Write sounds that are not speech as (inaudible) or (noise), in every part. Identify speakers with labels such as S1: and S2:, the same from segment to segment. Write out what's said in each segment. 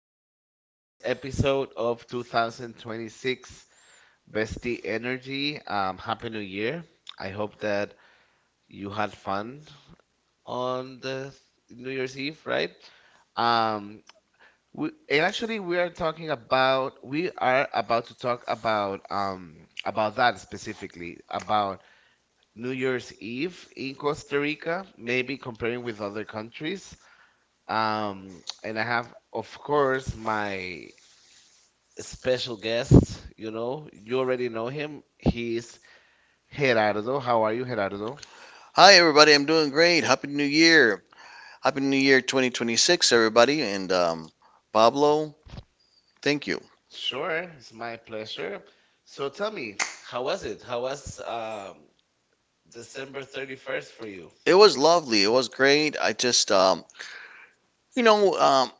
S1: to our first episode of 2026 Bestie Energy. Happy New Year. I hope that you had fun on the New Year's Eve, right? Um, we are talking about we are about to talk about that, specifically about New Year's Eve in Costa Rica, maybe comparing with other countries. And I have, of course, my special guest. You know, you already know him. He's Gerardo. How are you, Gerardo?
S2: Hi, everybody. I'm doing great. Happy New Year. Happy New Year 2026, everybody. And Pablo, thank you.
S1: Sure, it's my pleasure. So tell me, how was it? How was December 31st for you?
S2: It was lovely. It was great. I just, you know, um,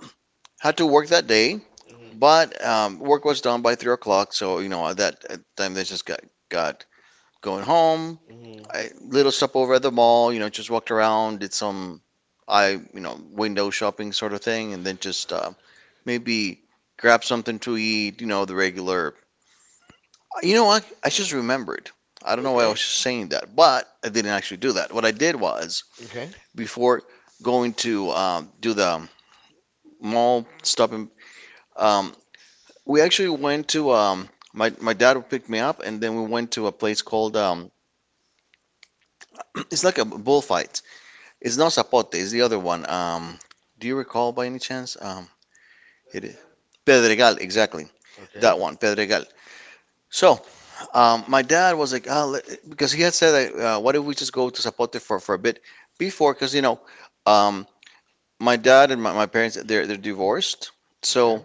S2: had to work that day,
S1: Hmm.
S2: but work was done by 3 o'clock. So, you know, at the time, they just got going home.
S1: Hmm.
S2: I little stop over at the mall, just walked around, did some, window shopping sort of thing, and then just maybe grab something to eat, the regular. You know what? I just remembered. I don't know why I
S1: Okay.
S2: was just saying that, but I didn't actually do that. What I did was,
S1: Okay.
S2: before going to do the mall stopping, um, we actually went to my dad picked me up, and then we went to a place called (clears throat) it's like a bullfight. It's not Zapote. It's the other one. Do you recall by any chance? It is Pedregal, exactly.
S1: Okay.
S2: That one, Pedregal. So um, my dad was like, oh, because he had said, like, why don't we just go to Zapote for a bit before? Because, you know, um, my dad and my parents, they're divorced.
S1: Okay.
S2: So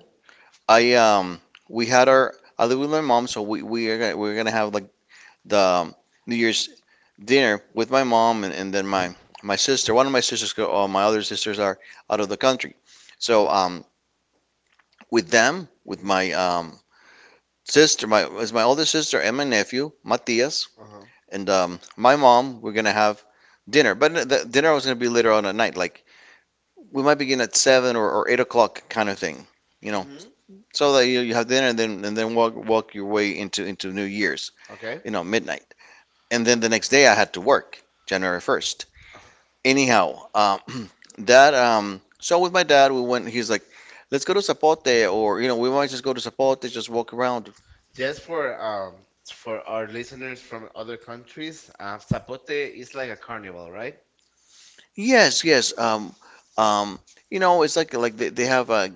S2: I, um, we had our, I live with my mom, so we're gonna have like the New Year's dinner with my mom and then my sister. One of my sisters, my other sisters are out of the country. So, with them, with my is my older sister and my nephew, Matias,
S1: Mhm.
S2: and my mom were gonna have dinner, but the dinner was gonna be later on at night. Like we might begin at seven or 8 o'clock kind of thing, you know.
S1: Mm-hmm.
S2: So that you have dinner and then walk your way into New Year's,
S1: Okay.
S2: you know, midnight. And then the next day I had to work, January first. Anyhow, (clears throat) that so with my dad we went. He's like, let's go to Zapote, or you know, we might just go to Zapote, just walk around.
S1: Just for our listeners from other countries, Zapote is like a carnival, right?
S2: Yes, yes. Um, you know, it's like they have a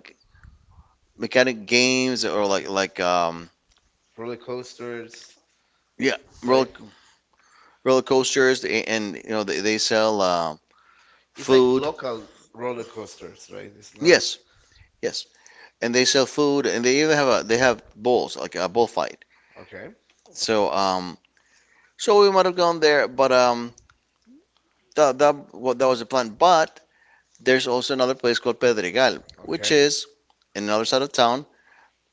S2: mechanic games or like
S1: Roller coasters,
S2: Yeah, roller
S1: right?
S2: roller coasters, and you know they sell like
S1: It's like
S2: food.
S1: local roller coasters, right? It's not.
S2: Yes, yes, and they sell food and they even have a they have bulls like a bullfight.
S1: Okay.
S2: So so we might have gone there, but um, that was the plan. But there's also another place called Pedregal, which, okay,
S1: Okay.
S2: is in another side of town,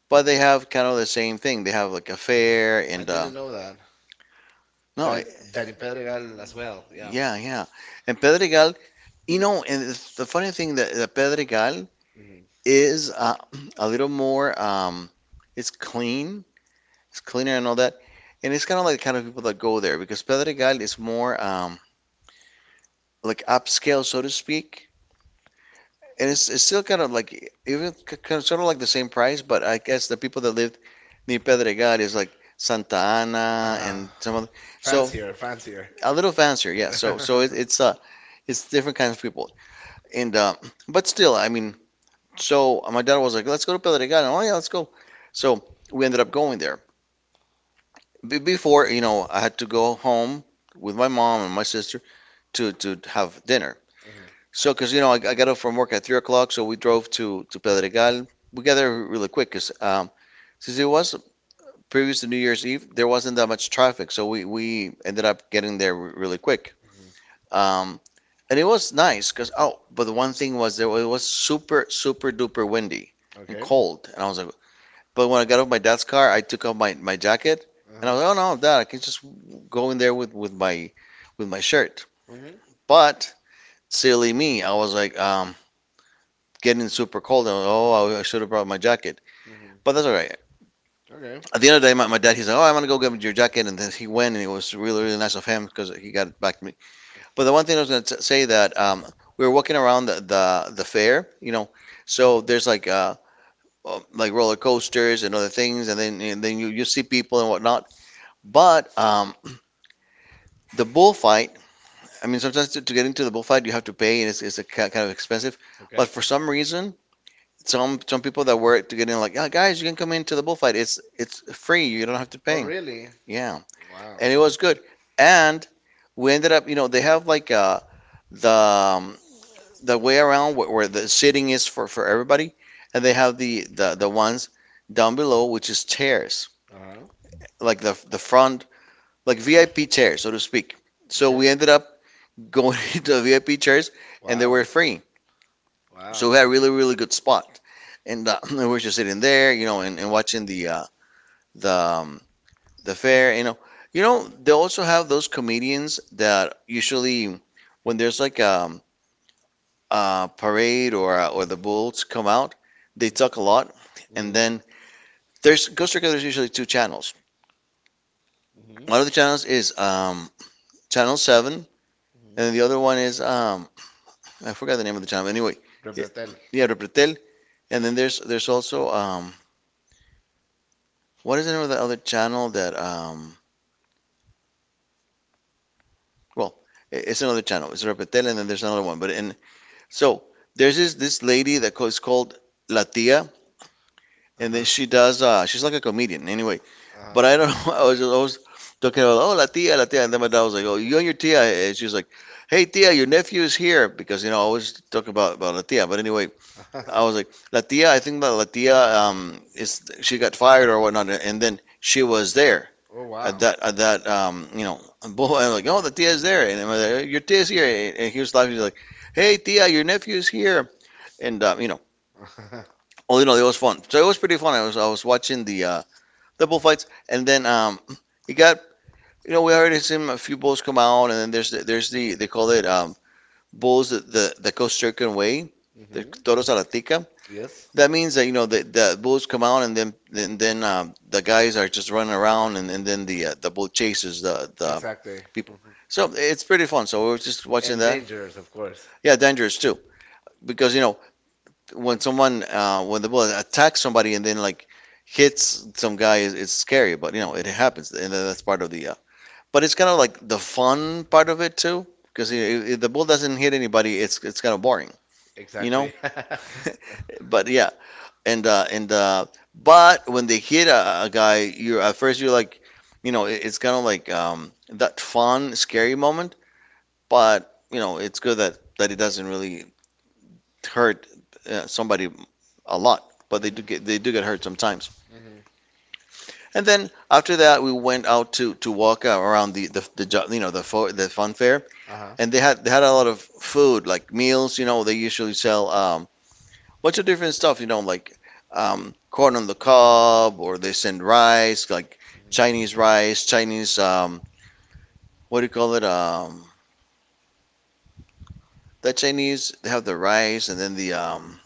S2: but they have kind of the same thing. They have like a fair, I
S1: I
S2: and
S1: didn't know that.
S2: no. in
S1: That in Pedregal as well.
S2: Yeah.
S1: Yeah.
S2: Yeah, yeah. And Pedregal, you know, and it's the funny thing that, that Pedregal
S1: Hmm.
S2: is (clears throat) a little more, it's clean, it's cleaner and all that. And it's kind of like the kind of people that go there, because Pedregal is more like upscale, so to speak. And it's still kind of like even kind of, sort of like the same price, but I guess the people that lived near Pedregal is like Santa Ana
S1: Uh-huh.
S2: and some other, so
S1: Fancier, fancier.
S2: a little fancier, yeah. So
S1: (laughs)
S2: it's different kinds of people, and but still, I mean, so my dad was like, let's go to Pedregal. Oh yeah, let's go. So we ended up going there. Be Before, you know, I had to go home with my mom and my sister to have dinner.
S1: Hmm.
S2: So, because you know, I got up from work at 3 o'clock, so we drove to Pedregal. We got there really quick because since it was previous to New Year's Eve, there wasn't that much traffic, so we ended up getting there really quick.
S1: Hmm.
S2: Um, and it was nice because, oh, but the one thing was there it was super duper windy and
S1: Okay.
S2: cold, and I was like, but when I got off my dad's car, I took off my jacket, and I
S1: Uh-huh.
S2: was like, oh no, dad, I can just go in there with with my shirt.
S1: Hmm.
S2: But silly me, I was like, getting super cold. And, oh, I should have brought my jacket. But
S1: Hmm.
S2: that's all right.
S1: Okay.
S2: At the end of the day, my dad, he's like, oh, I'm going to go get your jacket. And then he went, and it was really, really nice of him because he got it back to me. But the one thing I was going to say that we were walking around the fair, you know, so there's like roller coasters and other things, and then you see people and whatnot. But the bullfight, I mean, sometimes to get into the bullfight, you have to pay, and it's a kind of expensive.
S1: Okay.
S2: But for some reason, some people that work to get in like, yeah, guys, you can come into the bullfight. It's free. You don't have to
S1: Oh,
S2: pay.
S1: really?
S2: Yeah,
S1: Wow.
S2: and it was good. And we ended up, you know, they have like the um, the way around where, the sitting is for everybody, and they have the ones down below, which is chairs,
S1: Uh-huh.
S2: like the front like VIP chairs, so to speak. So
S1: Okay.
S2: we ended up going (laughs) into the VIP chairs, and they
S1: Wow.
S2: were free. So
S1: Wow.
S2: we had a really, really good spot, and (clears throat) we were just sitting there, you know, and watching the um, the fair, you know. You know, they also have those comedians that usually when there's like a parade or the bulls come out, they talk a lot. And
S1: Mhm.
S2: then there's Costa Rica, there's usually two channels.
S1: Mhm.
S2: One of the channels is Channel 7, and
S1: Mhm.
S2: then
S1: Mhm.
S2: the other one is I forgot the name of the channel. Anyway, yeah,
S1: Repretel.
S2: yeah, Repretel. And then there's also what is the name of the other channel that well, it's another channel. It's Repretel, and then there's another one. But in, so there's this lady that was called La Tia, and then
S1: Uh-huh.
S2: she does she's like a comedian anyway.
S1: Uh-huh.
S2: But I don't (laughs) I was always talking about, oh, La Tia, La Tia, and then my dad was like, oh, you and your Tia, and she's like, hey Tia, your nephew is here, because you know I always talk about La Tia. But anyway,
S1: Uh-huh.
S2: I was like, La
S1: (laughs)
S2: Tia, I think that La Tia is she got fired or whatnot, and then she was there
S1: Oh,
S2: at
S1: wow. (laughs)
S2: that, you know, (laughs) bull, and I'm like, oh, the tia is there, and I'm like, your tia is here, and he was laughing, he's like, hey tia, your nephew is here, and you know,
S1: Uh-huh.
S2: all in all, it was fun. So it was pretty fun. I was watching the bullfights, and then it got, you know, we already seen a few bulls come out, and then there's the, they call it bulls the Costa Rican way, the
S1: Hmm.
S2: toros a la tica.
S1: Yes.
S2: That means that, you know, the bulls come out, and then the guys are just running around, and then the bull chases the exactly,
S1: Exactly.
S2: people.
S1: Mhm.
S2: So it's pretty fun. So we were just watching that. Dangerous.
S1: Dangerous, of course.
S2: Yeah, dangerous too, because you know when someone when the bullet attacks somebody and then like hits some guy, is it's scary, but you know it happens, and that's part of the. But it's kind of like the fun part of it too, because if the bullet doesn't hit anybody, it's kind of boring, you know.
S1: Exactly. (laughs)
S2: But yeah, and but when they hit a guy, you're at first you're like, you know, it's kind of like that fun scary moment. But you know, it's good that it doesn't really hurt somebody a lot, but they do get hurt sometimes.
S1: Hmm.
S2: And then after that, we went out to walk around the, you know, the fun fair,
S1: Uh-huh.
S2: and they had a lot of food, like meals. You know, they usually sell bunch of different stuff. You know, like corn on the cob, or they send rice, like Chinese rice, Chinese what do you call it? The Chinese they have the rice, and then the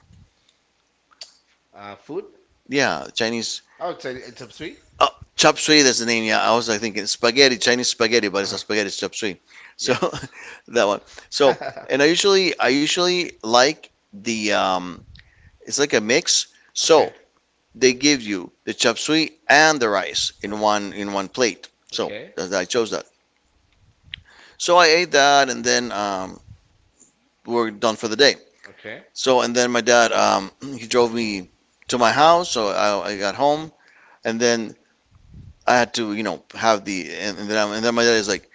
S1: Food?
S2: yeah, Chinese.
S1: Say it's a sweet?
S2: Oh, chop suey, that's the name. Yeah, I was like thinking spaghetti, Chinese spaghetti, but it's not spaghetti, it's chop suey. So
S1: So
S2: (laughs) that one. So, and I usually like the it's like a mix. So,
S1: (laughs)
S2: they give you the chop suey and the rice in
S1: Okay.
S2: one plate. So,
S1: Okay.
S2: I chose that. So, I ate that and then we're done for the day.
S1: Okay.
S2: So, and then my dad (clears throat) he drove me to my house, so I got home and then I had to, you know, have the and then my dad is like,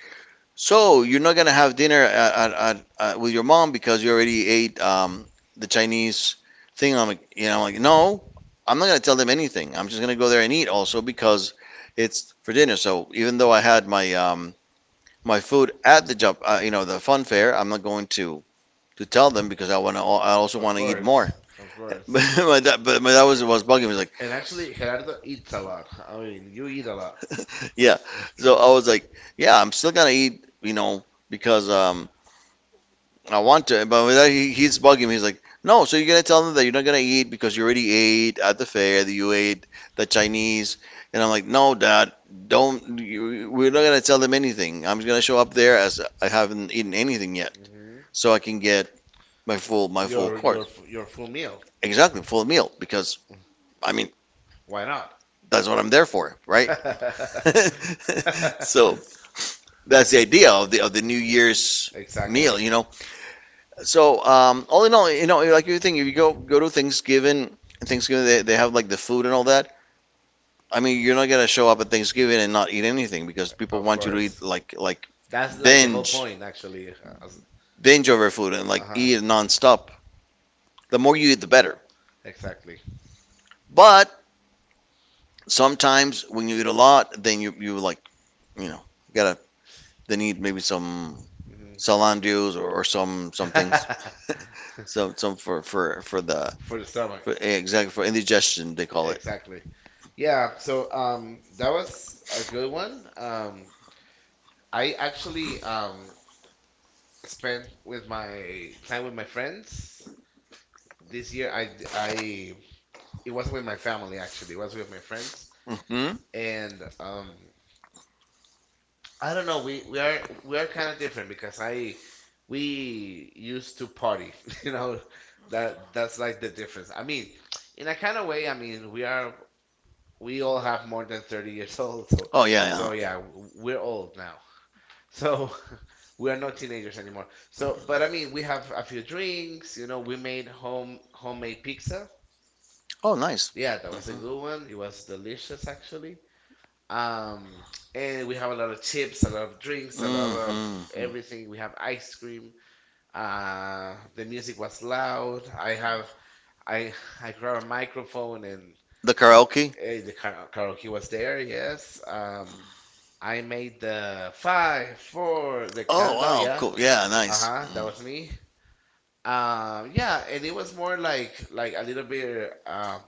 S2: so you're not gonna have dinner at with your mom because you already ate the Chinese thing. I'm like, you know, like no, I'm not gonna tell them anything. I'm just gonna go there and eat also because it's for dinner. So even though I had my food at the job, you know, the fun fair, I'm not going to tell them because I wanna. I also
S1: Of
S2: wanna eat, right,
S1: course.
S2: more.
S1: Of
S2: (laughs)
S1: course.
S2: But my dad was bugging me like,
S1: And actually, Gerardo eats a lot. I mean, you eat a lot. (laughs)
S2: (laughs) yeah. So I was like, yeah, I'm still gonna eat, you know, because I want to, but with that, he's bugging me. He's like, no, so you're gonna tell them that you're not gonna eat because you already ate at the fair, that you ate the Chinese, and I'm like, no, Dad, don't. We're not gonna tell them anything. I'm just gonna show up there as I haven't eaten anything yet,
S1: Hmm.
S2: so I can get my full
S1: Your
S2: course.
S1: your your full meal.
S2: Exactly, full meal because I mean
S1: Why not?
S2: that's what I'm there for, right?
S1: (laughs)
S2: (laughs) So that's the idea of the New Year's meal,
S1: Exactly.
S2: you know. So, all in all, like you think if you go to Thanksgiving. Thanksgiving, they have like the food and all that. I mean, you're not gonna show up at Thanksgiving and not eat anything because people
S1: Of
S2: want you to eat
S1: course.
S2: like
S1: That's like the whole
S2: binge
S1: point, actually.
S2: binge over food and like
S1: Uh-huh.
S2: eat nonstop. The more you eat, the better.
S1: Exactly.
S2: But sometimes when you eat a lot, then you like you know gotta they need maybe some
S1: Hmm.
S2: Celan
S1: (laughs)
S2: dews or some things. (laughs) some for for for the
S1: For
S2: for,
S1: the
S2: the stomach.
S1: stomach.
S2: Exactly, for indigestion they call it.
S1: Exactly. Yeah, so that was a good one. I actually spent with my time with my friends this year. I d- I It wasn't with my family actually. It was with my friends.
S2: Mm-hmm.
S1: And I don't know, we are kind of different because I we used to party, (laughs) you know. That's like the difference. I mean, in a kind of way, I mean, we all have more than 30 years (laughs) old. So, Oh
S2: Oh, yeah,
S1: so
S2: yeah.
S1: yeah, we're old now. So (laughs) we are not teenagers anymore. So, but I mean, we have a few drinks. You know, we made homemade pizza.
S2: Oh, nice.
S1: Yeah, that was a
S2: Mm-hmm.
S1: good one. It was delicious actually. Um, and we have a lot of chips, a lot of drinks, a lot of
S2: Mm-hmm.
S1: everything. We have ice cream. The music was loud. I have I I grabbed a microphone and.
S2: The karaoke.
S1: The karaoke was there, yes.
S2: uh,
S1: I made the five, four, the
S2: Oh,
S1: countdown.
S2: wow. Yeah.
S1: Yeah.
S2: Cool. Yeah,
S1: Uh
S2: nice.
S1: huh. That was me. Yeah, and it was more like a little bit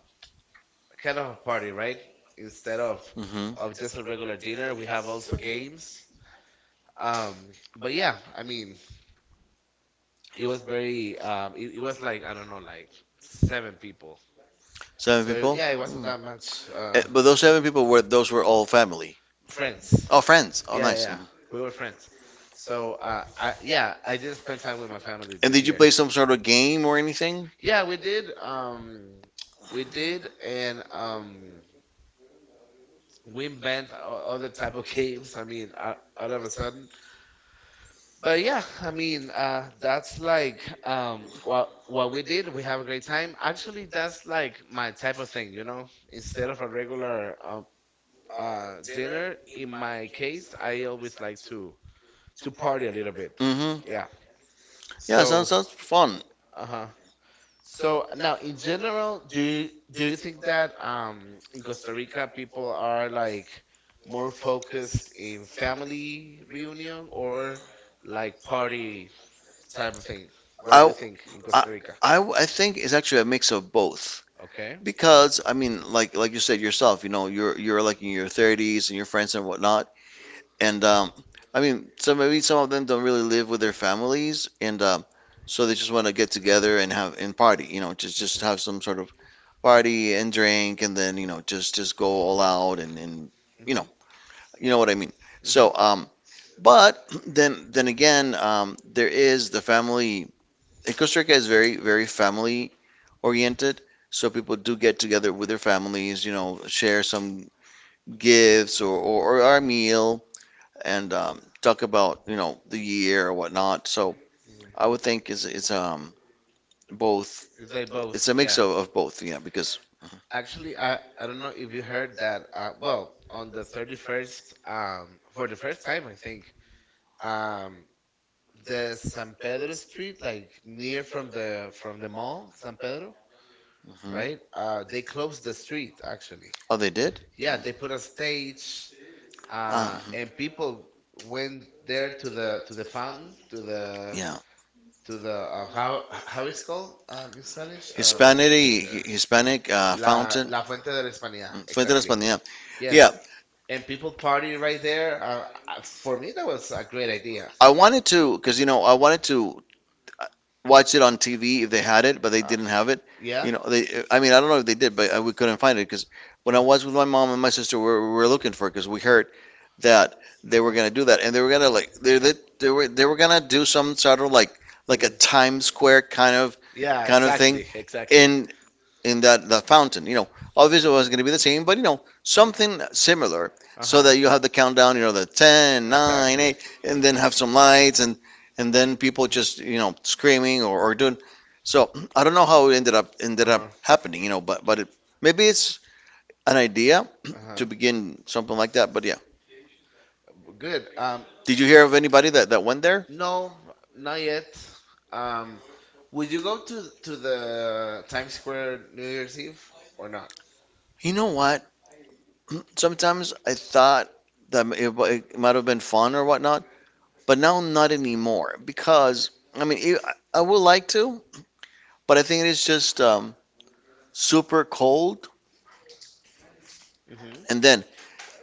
S1: kind of a party, right? Instead of
S2: Me. Mm-hmm.
S1: just a regular dinner, we have also games. Um, but yeah, I mean, it was very it was like I don't know, like seven people.
S2: Seven. So,
S1: So
S2: people.
S1: yeah, it
S2: Mm.
S1: wasn't that much.
S2: But those seven people were all family.
S1: Friends.
S2: Oh,
S1: Oh, friends.
S2: friends. Oh,
S1: Yeah, yeah,
S2: nice.
S1: yeah.
S2: Mhm.
S1: We were friends. So, I yeah, I didn't spend time with my family
S2: And
S1: this
S2: did you
S1: year.
S2: play some sort of game or anything?
S1: Yeah, we did. We did, and we invent other type of games. I mean, all of a sudden. But yeah, I mean, that's like what we did. We have a great time. Actually, that's like my type of thing. Instead of a regular dinner, in my case, I always like to party a little bit.
S2: Mm-hmm.
S1: Yeah.
S2: Yeah, sounds
S1: So,
S2: sounds fun.
S1: uh-huh. So now, in general, do you think that in Costa Rica people are like more focused in family reunion or like party type of thing? What do you
S2: I
S1: think in
S2: I,
S1: Costa Rica?
S2: I think it's actually a mix of both
S1: Okay.
S2: because I mean, like you said yourself, you're like in your 30s and your friends and whatnot, and I mean, so maybe some of them don't really live with their families, and so they just want to get together and party, you know, just have some sort of
S1: Mhm.
S2: party and drink, and then you know, just go all out and you know,
S1: Mhm.
S2: you know what I mean.
S1: Mhm.
S2: So but (clears throat) then again, there is the family. And Costa Rica is very, very family oriented. So people do get together with their families, share some gifts or our meal and talk about, the year or whatnot. So I
S1: Mhm.
S2: would think it's both.
S1: It's like both,
S2: It's a mix
S1: yeah.
S2: of both, yeah, because
S1: Actually, I don't know if you heard that. Well, on the 31st, for the first time, I think, um, the San Pedro Street, like near from the mall, San Pedro,
S2: mhm.
S1: right? They closed the street actually.
S2: Oh, they did?
S1: Yeah, they put a stage,
S2: Uh,
S1: and people went there to the fountain, to the,
S2: yeah.
S1: how it's called, in Spanish?
S2: Hispanic fountain.
S1: La Fuente de la Hispanidad,
S2: Mm, Fuente de la
S1: exactly.
S2: Hispanidad. Yeah,
S1: Yes,
S2: yeah.
S1: and people party right there. For me, that was a great idea.
S2: I wanted to, because you know, I wanted to watch it on TV if they had it, but they
S1: Uh,
S2: didn't have it. Yeah.
S1: yeah.
S2: You know, they. I mean, I don't know if they did, but we couldn't find it because when
S1: Uh,
S2: I was with my mom and my sister, we were looking for it because we heard that they
S1: uh,
S2: were
S1: mm.
S2: gonna do that, and they were gonna they were gonna do some sort of like a Times Square kind of, yeah,
S1: Yeah,
S2: kind of exactly, thing.
S1: exactly, exactly.
S2: Exactly, in that the fountain. You know, obviously it was going to be the same, but you know, something similar,
S1: Uh
S2: so
S1: huh.
S2: that you have the countdown. You know, the ten, nine,
S1: Exactly.
S2: 8, and then have some lights, and then people just
S1: Mhm.
S2: screaming or doing. So (clears throat) I don't know how it ended up
S1: Uh
S2: ended up
S1: huh.
S2: happening. You know, but maybe it's an idea
S1: Uh
S2: (clears throat)
S1: huh.
S2: to begin something like that. But yeah,
S1: Good.
S2: did you hear of anybody that went there?
S1: No, not yet. Um, would you go to the Times Square New Year's Eve or not?
S2: You know what? (clears throat) Sometimes I thought that it might have been fun or whatnot. But now, not anymore because I mean, I would like to, but I think it is just super cold,
S1: Mm-hmm.
S2: and then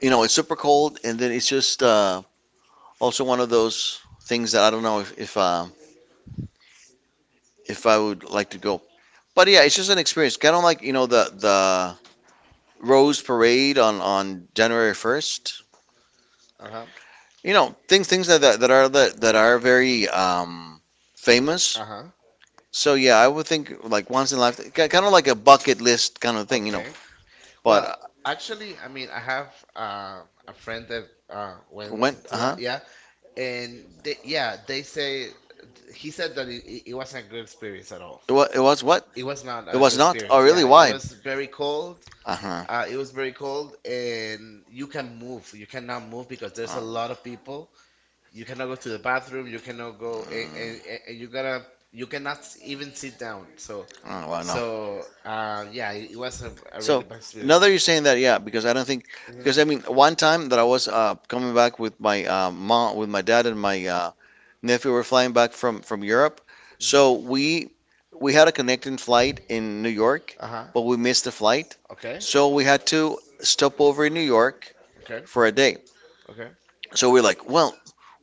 S2: you know it's super cold, and then it's just also one of those things that I don't know if if I would like to go. But yeah, it's just an experience, kind of like you know the Rose Parade on January 1st.
S1: Uh-huh.
S2: You know things that are
S1: Mm-hmm.
S2: very famous.
S1: Uh-huh.
S2: So yeah, I would think like once in a life, kind of like a bucket list kind of thing.
S1: Okay.
S2: But
S1: Well, actually, I mean, I have a friend that
S2: when,
S1: went
S2: when,
S1: to
S2: uh-huh.
S1: that, yeah, and yeah, they say he said that it wasn't a good experience at all.
S2: It was what?
S1: It was not
S2: It
S1: a good
S2: was not? Oh,
S1: experience.
S2: really?
S1: Yeah, it
S2: Why?
S1: was very cold.
S2: Uh-huh.
S1: It was very cold, and you can move. You cannot move because there's a lot
S2: Oh,
S1: of people. You cannot go to the bathroom. You cannot go, and you gotta, you cannot even sit down. So,
S2: oh, well, no.
S1: so uh, yeah, it was a really
S2: So, now
S1: bad
S2: that
S1: experience.
S2: different, you're saying that. Yeah, because I don't think,
S1: Mhm.
S2: because I mean, one time that I was coming back with my mom, with my dad and my nephew were flying back from Europe, so
S1: Mhm.
S2: we we had a connecting flight in New York,
S1: Uh-huh.
S2: but we missed the flight,
S1: Okay.
S2: so we had to stop over in New York
S1: Okay.
S2: for a day.
S1: Okay.
S2: So we're like, well,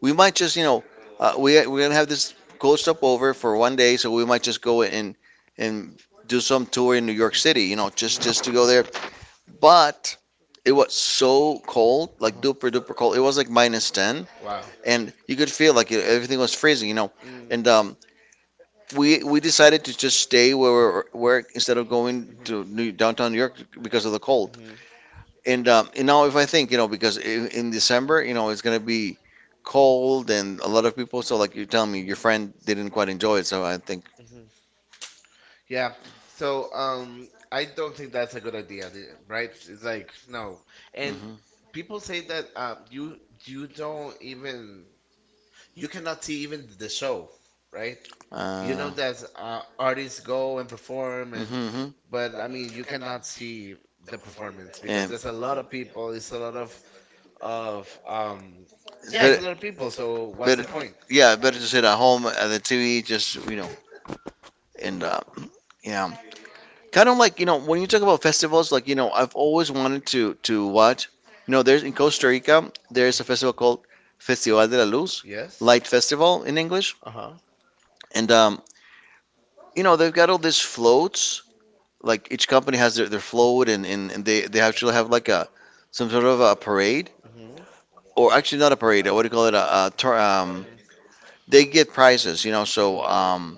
S2: we might just, you know, we're gonna have this cold stop over for one day, so we might just go and do some tour in
S1: Mm.
S2: New York City, you know, just to
S1: Mhm.
S2: go there. But it was so cold, like
S1: Uh-huh.
S2: duper duper cold. It was like minus ten,
S1: Wow.
S2: and you could feel like it, everything was freezing, you know.
S1: Mm. Mhm.
S2: And we decided to just stay where we were, where instead of going to downtown New York because of the cold. And and now if I think, you know, because in December, you know, it's gonna be cold and a lot of people. So like you're telling me,
S1: Mhm.
S2: your
S1: Mhm.
S2: friend didn't quite enjoy it. So I think.
S1: Think. Hmm. Yeah. So, I don't think that's a good idea, right? It's like no, and
S2: Hmm.
S1: people say that you don't even you cannot see even the show, right? You know
S2: Uh,
S1: that artists go and perform, and
S2: hmm.
S1: but I mean you cannot see the performance because
S2: And it's
S1: there's a lot of people. It's a lot of yeah, it's
S2: better,
S1: a lot of people. So what's the
S2: better,
S1: point?
S2: yeah, better to sit at home at the TV, just you know, and yeah, kind of like you know, when you talk about festivals, like you know, I've always wanted to watch. You know, there's in Costa Rica, there's a festival called Festival de la Luz,
S1: Yes.
S2: Light Festival in English.
S1: Uh huh.
S2: And you know, they've got all these floats. Like each company has their float, and they actually have like a some sort of a parade,
S1: Mhm.
S2: or actually not a parade. What do you call it? A tour,
S1: Mhm.
S2: they get prizes. So
S1: Mhm.
S2: um,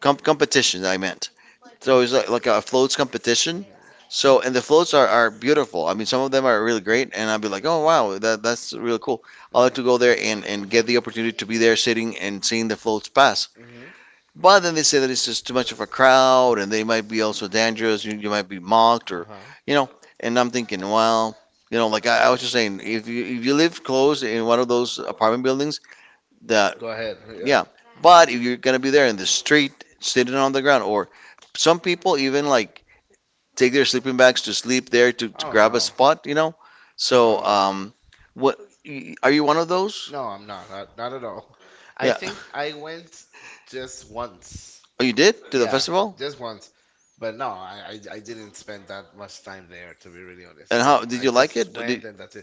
S2: com- competition, I meant. So it's like a floats
S1: a
S2: competition. So and the floats are beautiful. I mean, some of them are really great, and I'll be like, oh wow, that's really cool. I
S1: Mhm.
S2: like to go
S1: Mm.
S2: there and get the opportunity to be there, sitting and seeing the floats pass.
S1: Mhm. Mhm.
S2: But then they say that it's just too much of a crowd, and they might be also dangerous. You might be mocked,
S1: Uh
S2: or
S1: huh.
S2: you know. And I'm thinking, well, like I was just saying, if you live close in one of those apartment buildings, that
S1: Go ahead. Yeah.
S2: yeah. But if you're gonna be there in the street, sitting on the ground, or some people even like take their sleeping bags to sleep there to
S1: Oh,
S2: grab a
S1: no.
S2: spot.
S1: No. So
S2: So,
S1: no, no.
S2: what are you one of those?
S1: No, I'm not. Not at all. I
S2: Yeah.
S1: think I went just once.
S2: Oh, you did to the
S1: Yeah, as well.
S2: festival?
S1: Just once. But no, I didn't spend that much time there, to be really honest.
S2: And
S1: I
S2: how
S1: mean,
S2: did
S1: I
S2: you like
S1: just
S2: it?
S1: went, and that's—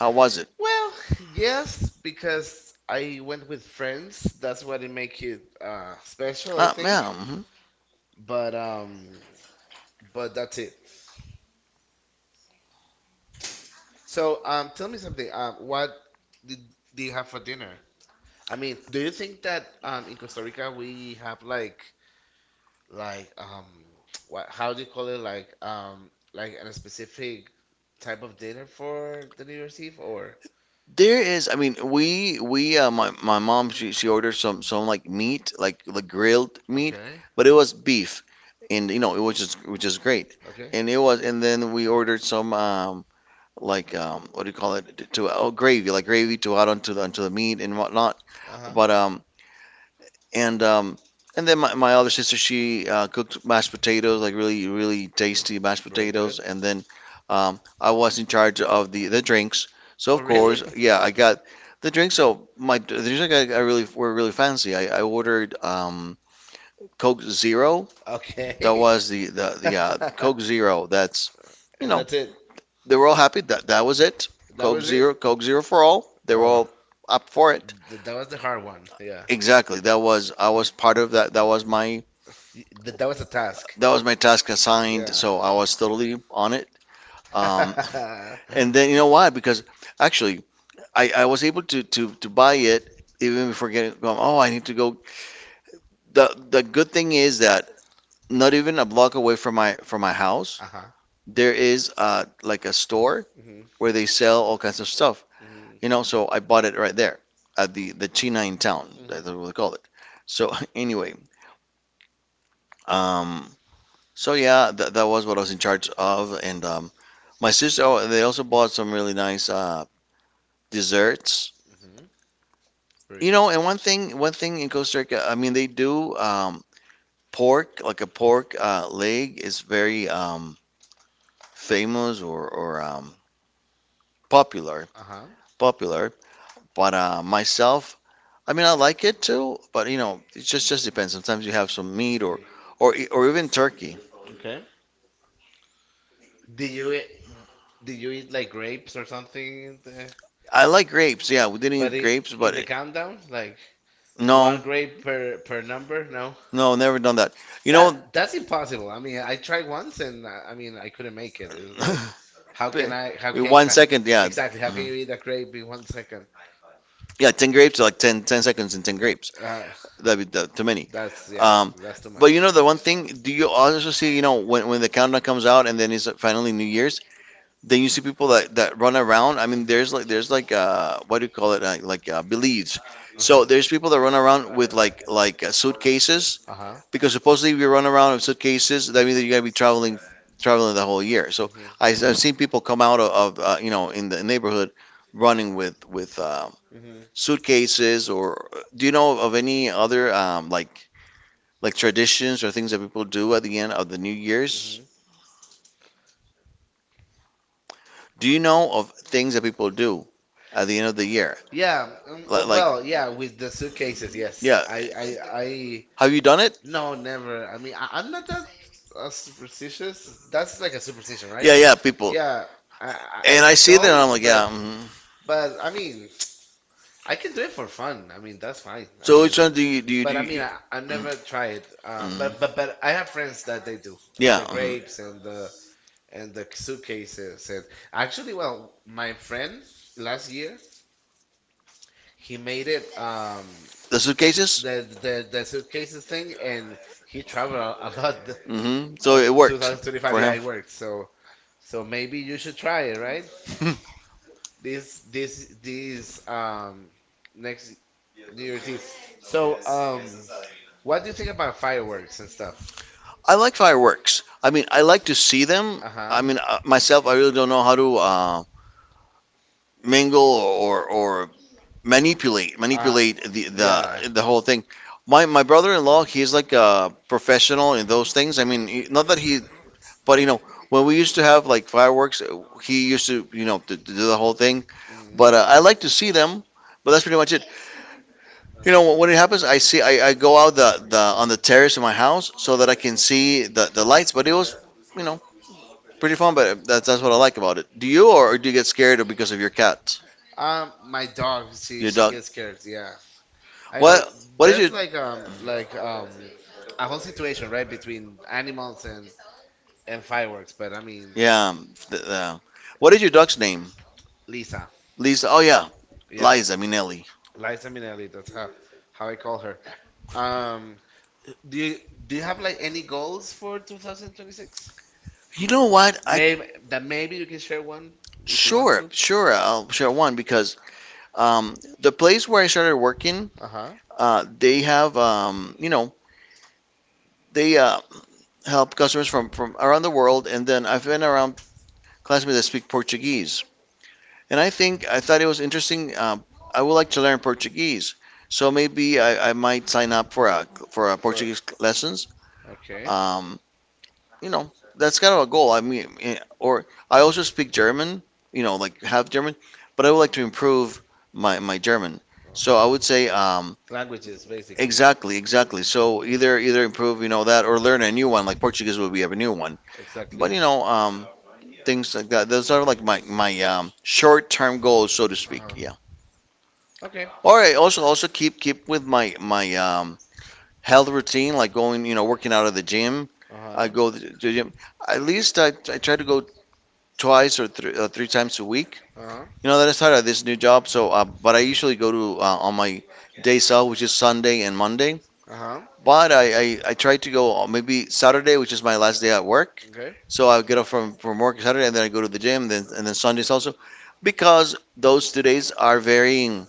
S2: How was it?
S1: Well, yes, because I went with friends. That's what it make it special, I think.
S2: Yeah. Mhm.
S1: But um, but that's it. So, tell me something. What did, do you have for dinner? I mean, do you think that in Costa Rica we have like um what, how do you call it, like a specific type of dinner for the New Year's Eve or—
S2: There is. I mean, we my my mom she ordered some like meat like grilled meat,
S1: Okay.
S2: but it was beef, and you know it was just which is great,
S1: Okay.
S2: and it was and then we ordered some what do you call it to oh gravy like gravy to add onto the meat and whatnot, but
S1: Uh-huh.
S2: And um, and then my other sister, she cooked mashed potatoes, like really, really tasty mashed potatoes. And then I was in charge of the drinks. So of Oh, of course,
S1: Really?
S2: really? Yeah, I got the drinks. So my The drinks I got I really were really fancy. I ordered Coke Zero.
S1: (laughs) that
S2: That
S1: Okay.
S2: was the
S1: (laughs)
S2: Coke Zero. That's you know
S1: (laughs) It.
S2: they were all happy. That was it. Coke Zero, Coke Zero for all.
S1: Know.
S2: They were
S1: Or
S2: all up
S1: no.
S2: for it.
S1: It. Th That was the hard one. Yeah.
S2: Exactly. That was I was part of that.
S1: y- th That was a task.
S2: That was my task assigned, so I was totally on it.
S1: And
S2: Um,
S1: (laughs) Uh-huh.
S2: (laughs) and then you know why? Because actually, I was able to buy it even before getting going. Oh, I need to go. The good thing is that not even a block away from my house, there is like a store
S1: Mhm.
S2: where they sell all kinds of stuff.
S1: Mhm.
S2: You know, so I bought it right there at the China in town. That's
S1: Mhm.
S2: what they call it. So (laughs) anyway, um, so yeah, that was what I was in charge of, and my sister, oh, they also bought some really nice desserts.
S1: Mhm. You.
S2: You know, and one thing in Costa Rica, I mean, they do pork, like a pork leg is very famous or popular,
S1: Uh-huh. To.
S2: popular. But myself, I mean, I like it too, but you know, it just depends. Sometimes you have some meat or even
S1: Mhm.
S2: turkey.
S1: Okay. Did you eat, did you eat like grapes or something?
S2: I like grapes. Yeah, we didn't
S1: But
S2: eat grapes,
S1: in the countdown, like
S2: no,
S1: one grape per number? No,
S2: no, never done that. You know,
S1: that's impossible. I mean, I tried once and I mean I couldn't make it. It was like, how can I? How
S2: Be- (laughs)
S1: can?
S2: One second, yeah.
S1: Exactly. How can you
S2: Mhm.
S1: eat a grape in 1 second?
S2: Yeah, 10 grapes, like 10 seconds and 10 grapes.
S1: Uh,
S2: That'd be too many.
S1: that's Yeah,
S2: Um,
S1: that's too
S2: but you
S1: much.
S2: know, the one thing, do you also see, you know, when the countdown comes out and then it's finally New Year's, then you see people that run around. I mean, there's like, what do you call it? Like beliefs.
S1: Mhm.
S2: So there's people that run around with like, suitcases,
S1: Uh-huh.
S2: because supposedly if you run around with suitcases, that means that you're gonna be traveling the whole year. So
S1: Uh-huh.
S2: I've seen people come out of you know in the neighborhood running with
S1: Hmm.
S2: suitcases. Or do you know of any other like traditions or things that people do at the end of the New Year's?
S1: Hmm.
S2: Do you know of things that people do at the end of the year?
S1: Yeah, oh,
S2: Like,
S1: well, yeah, with the suitcases, yes.
S2: yeah,
S1: Yeah.
S2: have you done it?
S1: No, never. I mean, I'm not that superstitious. That's like a superstition, right?
S2: Yeah, yeah, people.
S1: Yeah, I, I
S2: And
S1: I
S2: I see that, and
S1: don't,
S2: I'm like,
S1: but,
S2: yeah. Mhm.
S1: but I mean, I can do it for fun. I mean, that's fine. I
S2: So
S1: mean,
S2: which one do you?
S1: but I mean, I never try
S2: Mm,
S1: it. But
S2: mm.
S1: I have friends that they do.
S2: Yeah.
S1: The
S2: Mhm.
S1: grapes and the suitcases, and actually, well, my friend last year he made it
S2: The suitcases.
S1: the suitcases thing, and he traveled a lot
S2: Hmm. So
S1: on
S2: it worked
S1: 2025.
S2: for
S1: Yeah,
S2: him.
S1: it
S2: (laughs)
S1: worked. So maybe you should try it right this next New Year's Eve. So what do you think about fireworks and stuff?
S2: I like fireworks. I mean, I like to see them. I
S1: Uh-huh.
S2: mean, myself, I really don't know how to mingle or manipulate,
S1: uh
S2: manipulate the the,
S1: yeah.
S2: the whole thing. My brother-in-law, he's like a professional in those things. I mean, he, not that he but you know, when we used to have like fireworks, he used to you know to do the whole thing.
S1: Mhm.
S2: But I like to see them. But that's pretty much it. You know, when it happens, I go out the on the terrace of my house so that I can see the lights. But it was you know pretty fun. But that's what I like about it. Do you, get scared because of your
S1: (laughs)
S2: cat? My
S1: My
S2: dog.
S1: dog,
S2: she,
S1: she
S2: your she
S1: she
S2: dog
S1: gets
S2: .gets scared.
S1: scared.
S2: Yeah. I
S1: Yeah,
S2: mean,
S1: I know.
S2: what is your
S1: There's
S2: that's
S1: like
S2: like
S1: um
S2: a
S1: like um a whole situation right between animals and fireworks. But I mean,
S2: yeah the, the, what is your dog's name?
S1: Lisa,
S2: Lisa. Oh yeah,
S1: yeah,
S2: Liza Minelli.
S1: Liza. Liza Minnelli. That's how I call her. Um, do you do you have like any goals for 2026?
S2: You know what? I
S1: Maybe that maybe you can share one if you want
S2: Sure,
S1: to.
S2: sure. I'll share one because the place where I started working,
S1: Uh huh.
S2: they have, you know, they help customers from around the world. And then I've been around classmates that speak Portuguese. And I thought it was interesting. I would like to learn Portuguese. So maybe I might sign up for a Portuguese lessons.
S1: Okay.
S2: Um, you know, that's kind of a goal. I mean, or I also speak German, you know, like half German, but I would like to improve my German.
S1: Uh,
S2: So I would say,
S1: Languages basically.
S2: exactly, exactly. So either
S1: Hmm.
S2: improve, you know, that, or learn a new one, like Portuguese would be a new one. But
S1: Exactly.
S2: you know, things like that. Those are like my short-term goals, so to
S1: Uh
S2: speak. Yeah.
S1: huh. Okay.
S2: All right. Also keep with my health routine, like going, you know, working out at the gym.
S1: Uh
S2: I
S1: huh.
S2: go to the gym, at least I try to go twice or three times a week.
S1: Uh huh.
S2: You know, that I started this new job, so but I usually go to on my days off, which is Sunday and Monday.
S1: Uh huh.
S2: But I try to go on maybe Saturday, which is my last day at work.
S1: Okay.
S2: So I get off from work Saturday, and then I go to the gym, then and then Sundays also, because those 2 days are very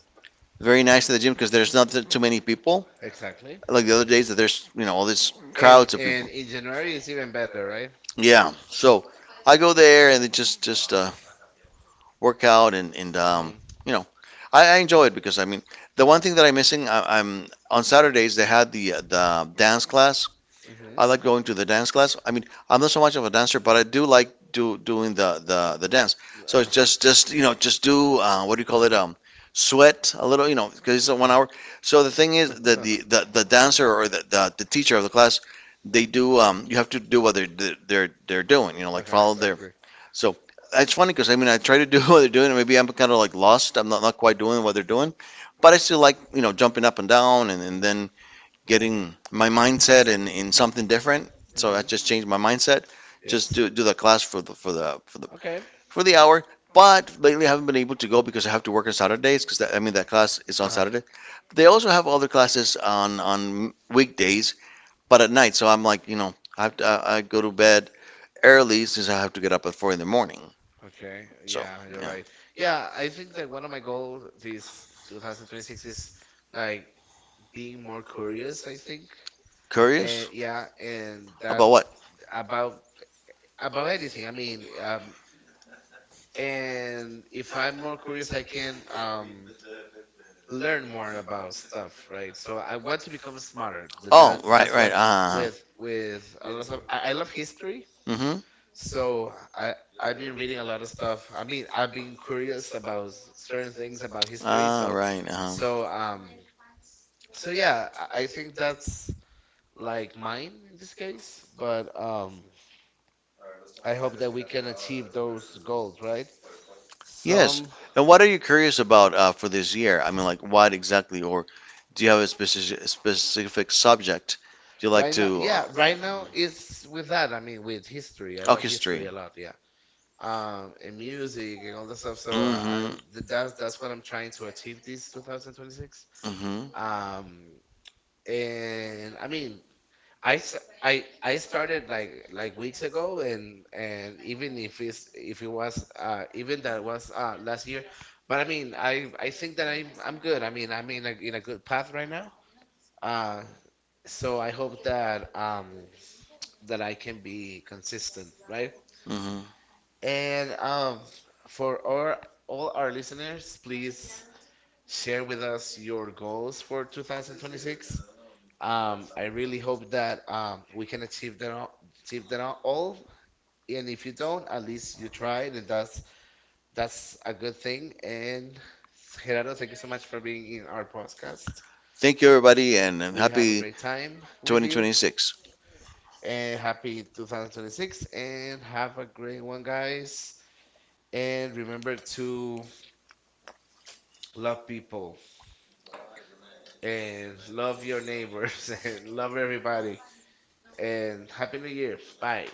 S2: very nice at the gym, because there's not th- too many people
S1: Exactly.
S2: like the other days that there's all these
S1: And
S2: crowds of people.
S1: in January it's even better, right?
S2: Yeah, so I go there and then just work out, and
S1: Um.
S2: you know, I enjoy it, because I mean, the one thing that I'm missing, I'm on Saturdays they had the dance class.
S1: Mhm.
S2: I like going to the dance class. I mean, I'm not so much of a dancer, but I do like do doing
S1: Uh,
S2: the dance. So
S1: huh.
S2: it's just just do what do you call it, sweat a little, because it's a 1 hour. So the thing is that
S1: (laughs)
S2: the dancer, or the teacher of the class, they do you have to do what they're doing, like
S1: Okay,
S2: follow their,
S1: exactly.
S2: so it's funny because I mean I try to do (laughs) what they're doing, and maybe I'm kind of like lost. I'm not quite doing what they're doing, but I still like jumping up and down, and,
S1: they're
S2: and
S1: Mhm.
S2: then getting my mindset in something different.
S1: Mm-hmm.
S2: So I
S1: Hmm.
S2: just changed my mindset. Just
S1: Yes.
S2: do the class for the for the for the
S1: Okay.
S2: for the hour. But lately I haven't been able to go because I have to work on
S1: I
S2: Saturdays, because I mean that
S1: Uh-huh.
S2: class is on
S1: Saturday.
S2: Saturday. They also have other classes on weekdays, but at night. So I'm like, I have I go to bed early, since I have to get up at 4 in the morning.
S1: Okay.
S2: So
S1: Yeah, you're
S2: yeah.
S1: right. Yeah, I think that one of my goals this 2026 is like being more curious, I think. Curious?
S2: Curious?
S1: And yeah, and that
S2: About what?
S1: about anything. I mean, and if I'm more curious, I can learn more about stuff, right? So I want to become smarter. That,
S2: Oh,
S1: that
S2: right,
S1: that's
S2: right.
S1: what with a lot of— I love history,
S2: Mm-hmm.
S1: so I've been reading a lot of stuff. I mean, I've been curious about certain things about history.
S2: Ah, right.
S1: So um so yeah, I think that's like mine in this case. But I hope that we can achieve those goals, right?
S2: Yes.
S1: Some.
S2: And what are you curious about for this year? I mean, like, what exactly, or do you have a specific subject? Do you like
S1: Right now,
S2: to?
S1: yeah, right now it's with that. I mean, with history. I
S2: Oh,
S1: love history
S2: history.
S1: a lot. Yeah. And music and all that stuff. So
S2: Mm-hmm.
S1: that's what I'm trying to achieve this 2026.
S2: Mm-hmm.
S1: Um, and I mean, I s- I started like weeks ago, and even if it was even that was last year, but I mean I think that I'm good. I mean I'm in a good path right now. Uh, so I hope that that I can be consistent, right?
S2: Mm-hmm.
S1: And for all our listeners, please share with us your goals for 2026. I really hope that we can achieve them all, achieve them all. And if you don't, at least you tried, and that's a good thing. And Gerardo, thank you so much for being in our podcast.
S2: Thank you, everybody, and
S1: We have a
S2: happy
S1: great time with you,
S2: 2026.
S1: and happy 2026, and have a great one, guys. And remember to love people and love your neighbors (laughs) and love everybody. And Happy New Year. Bye.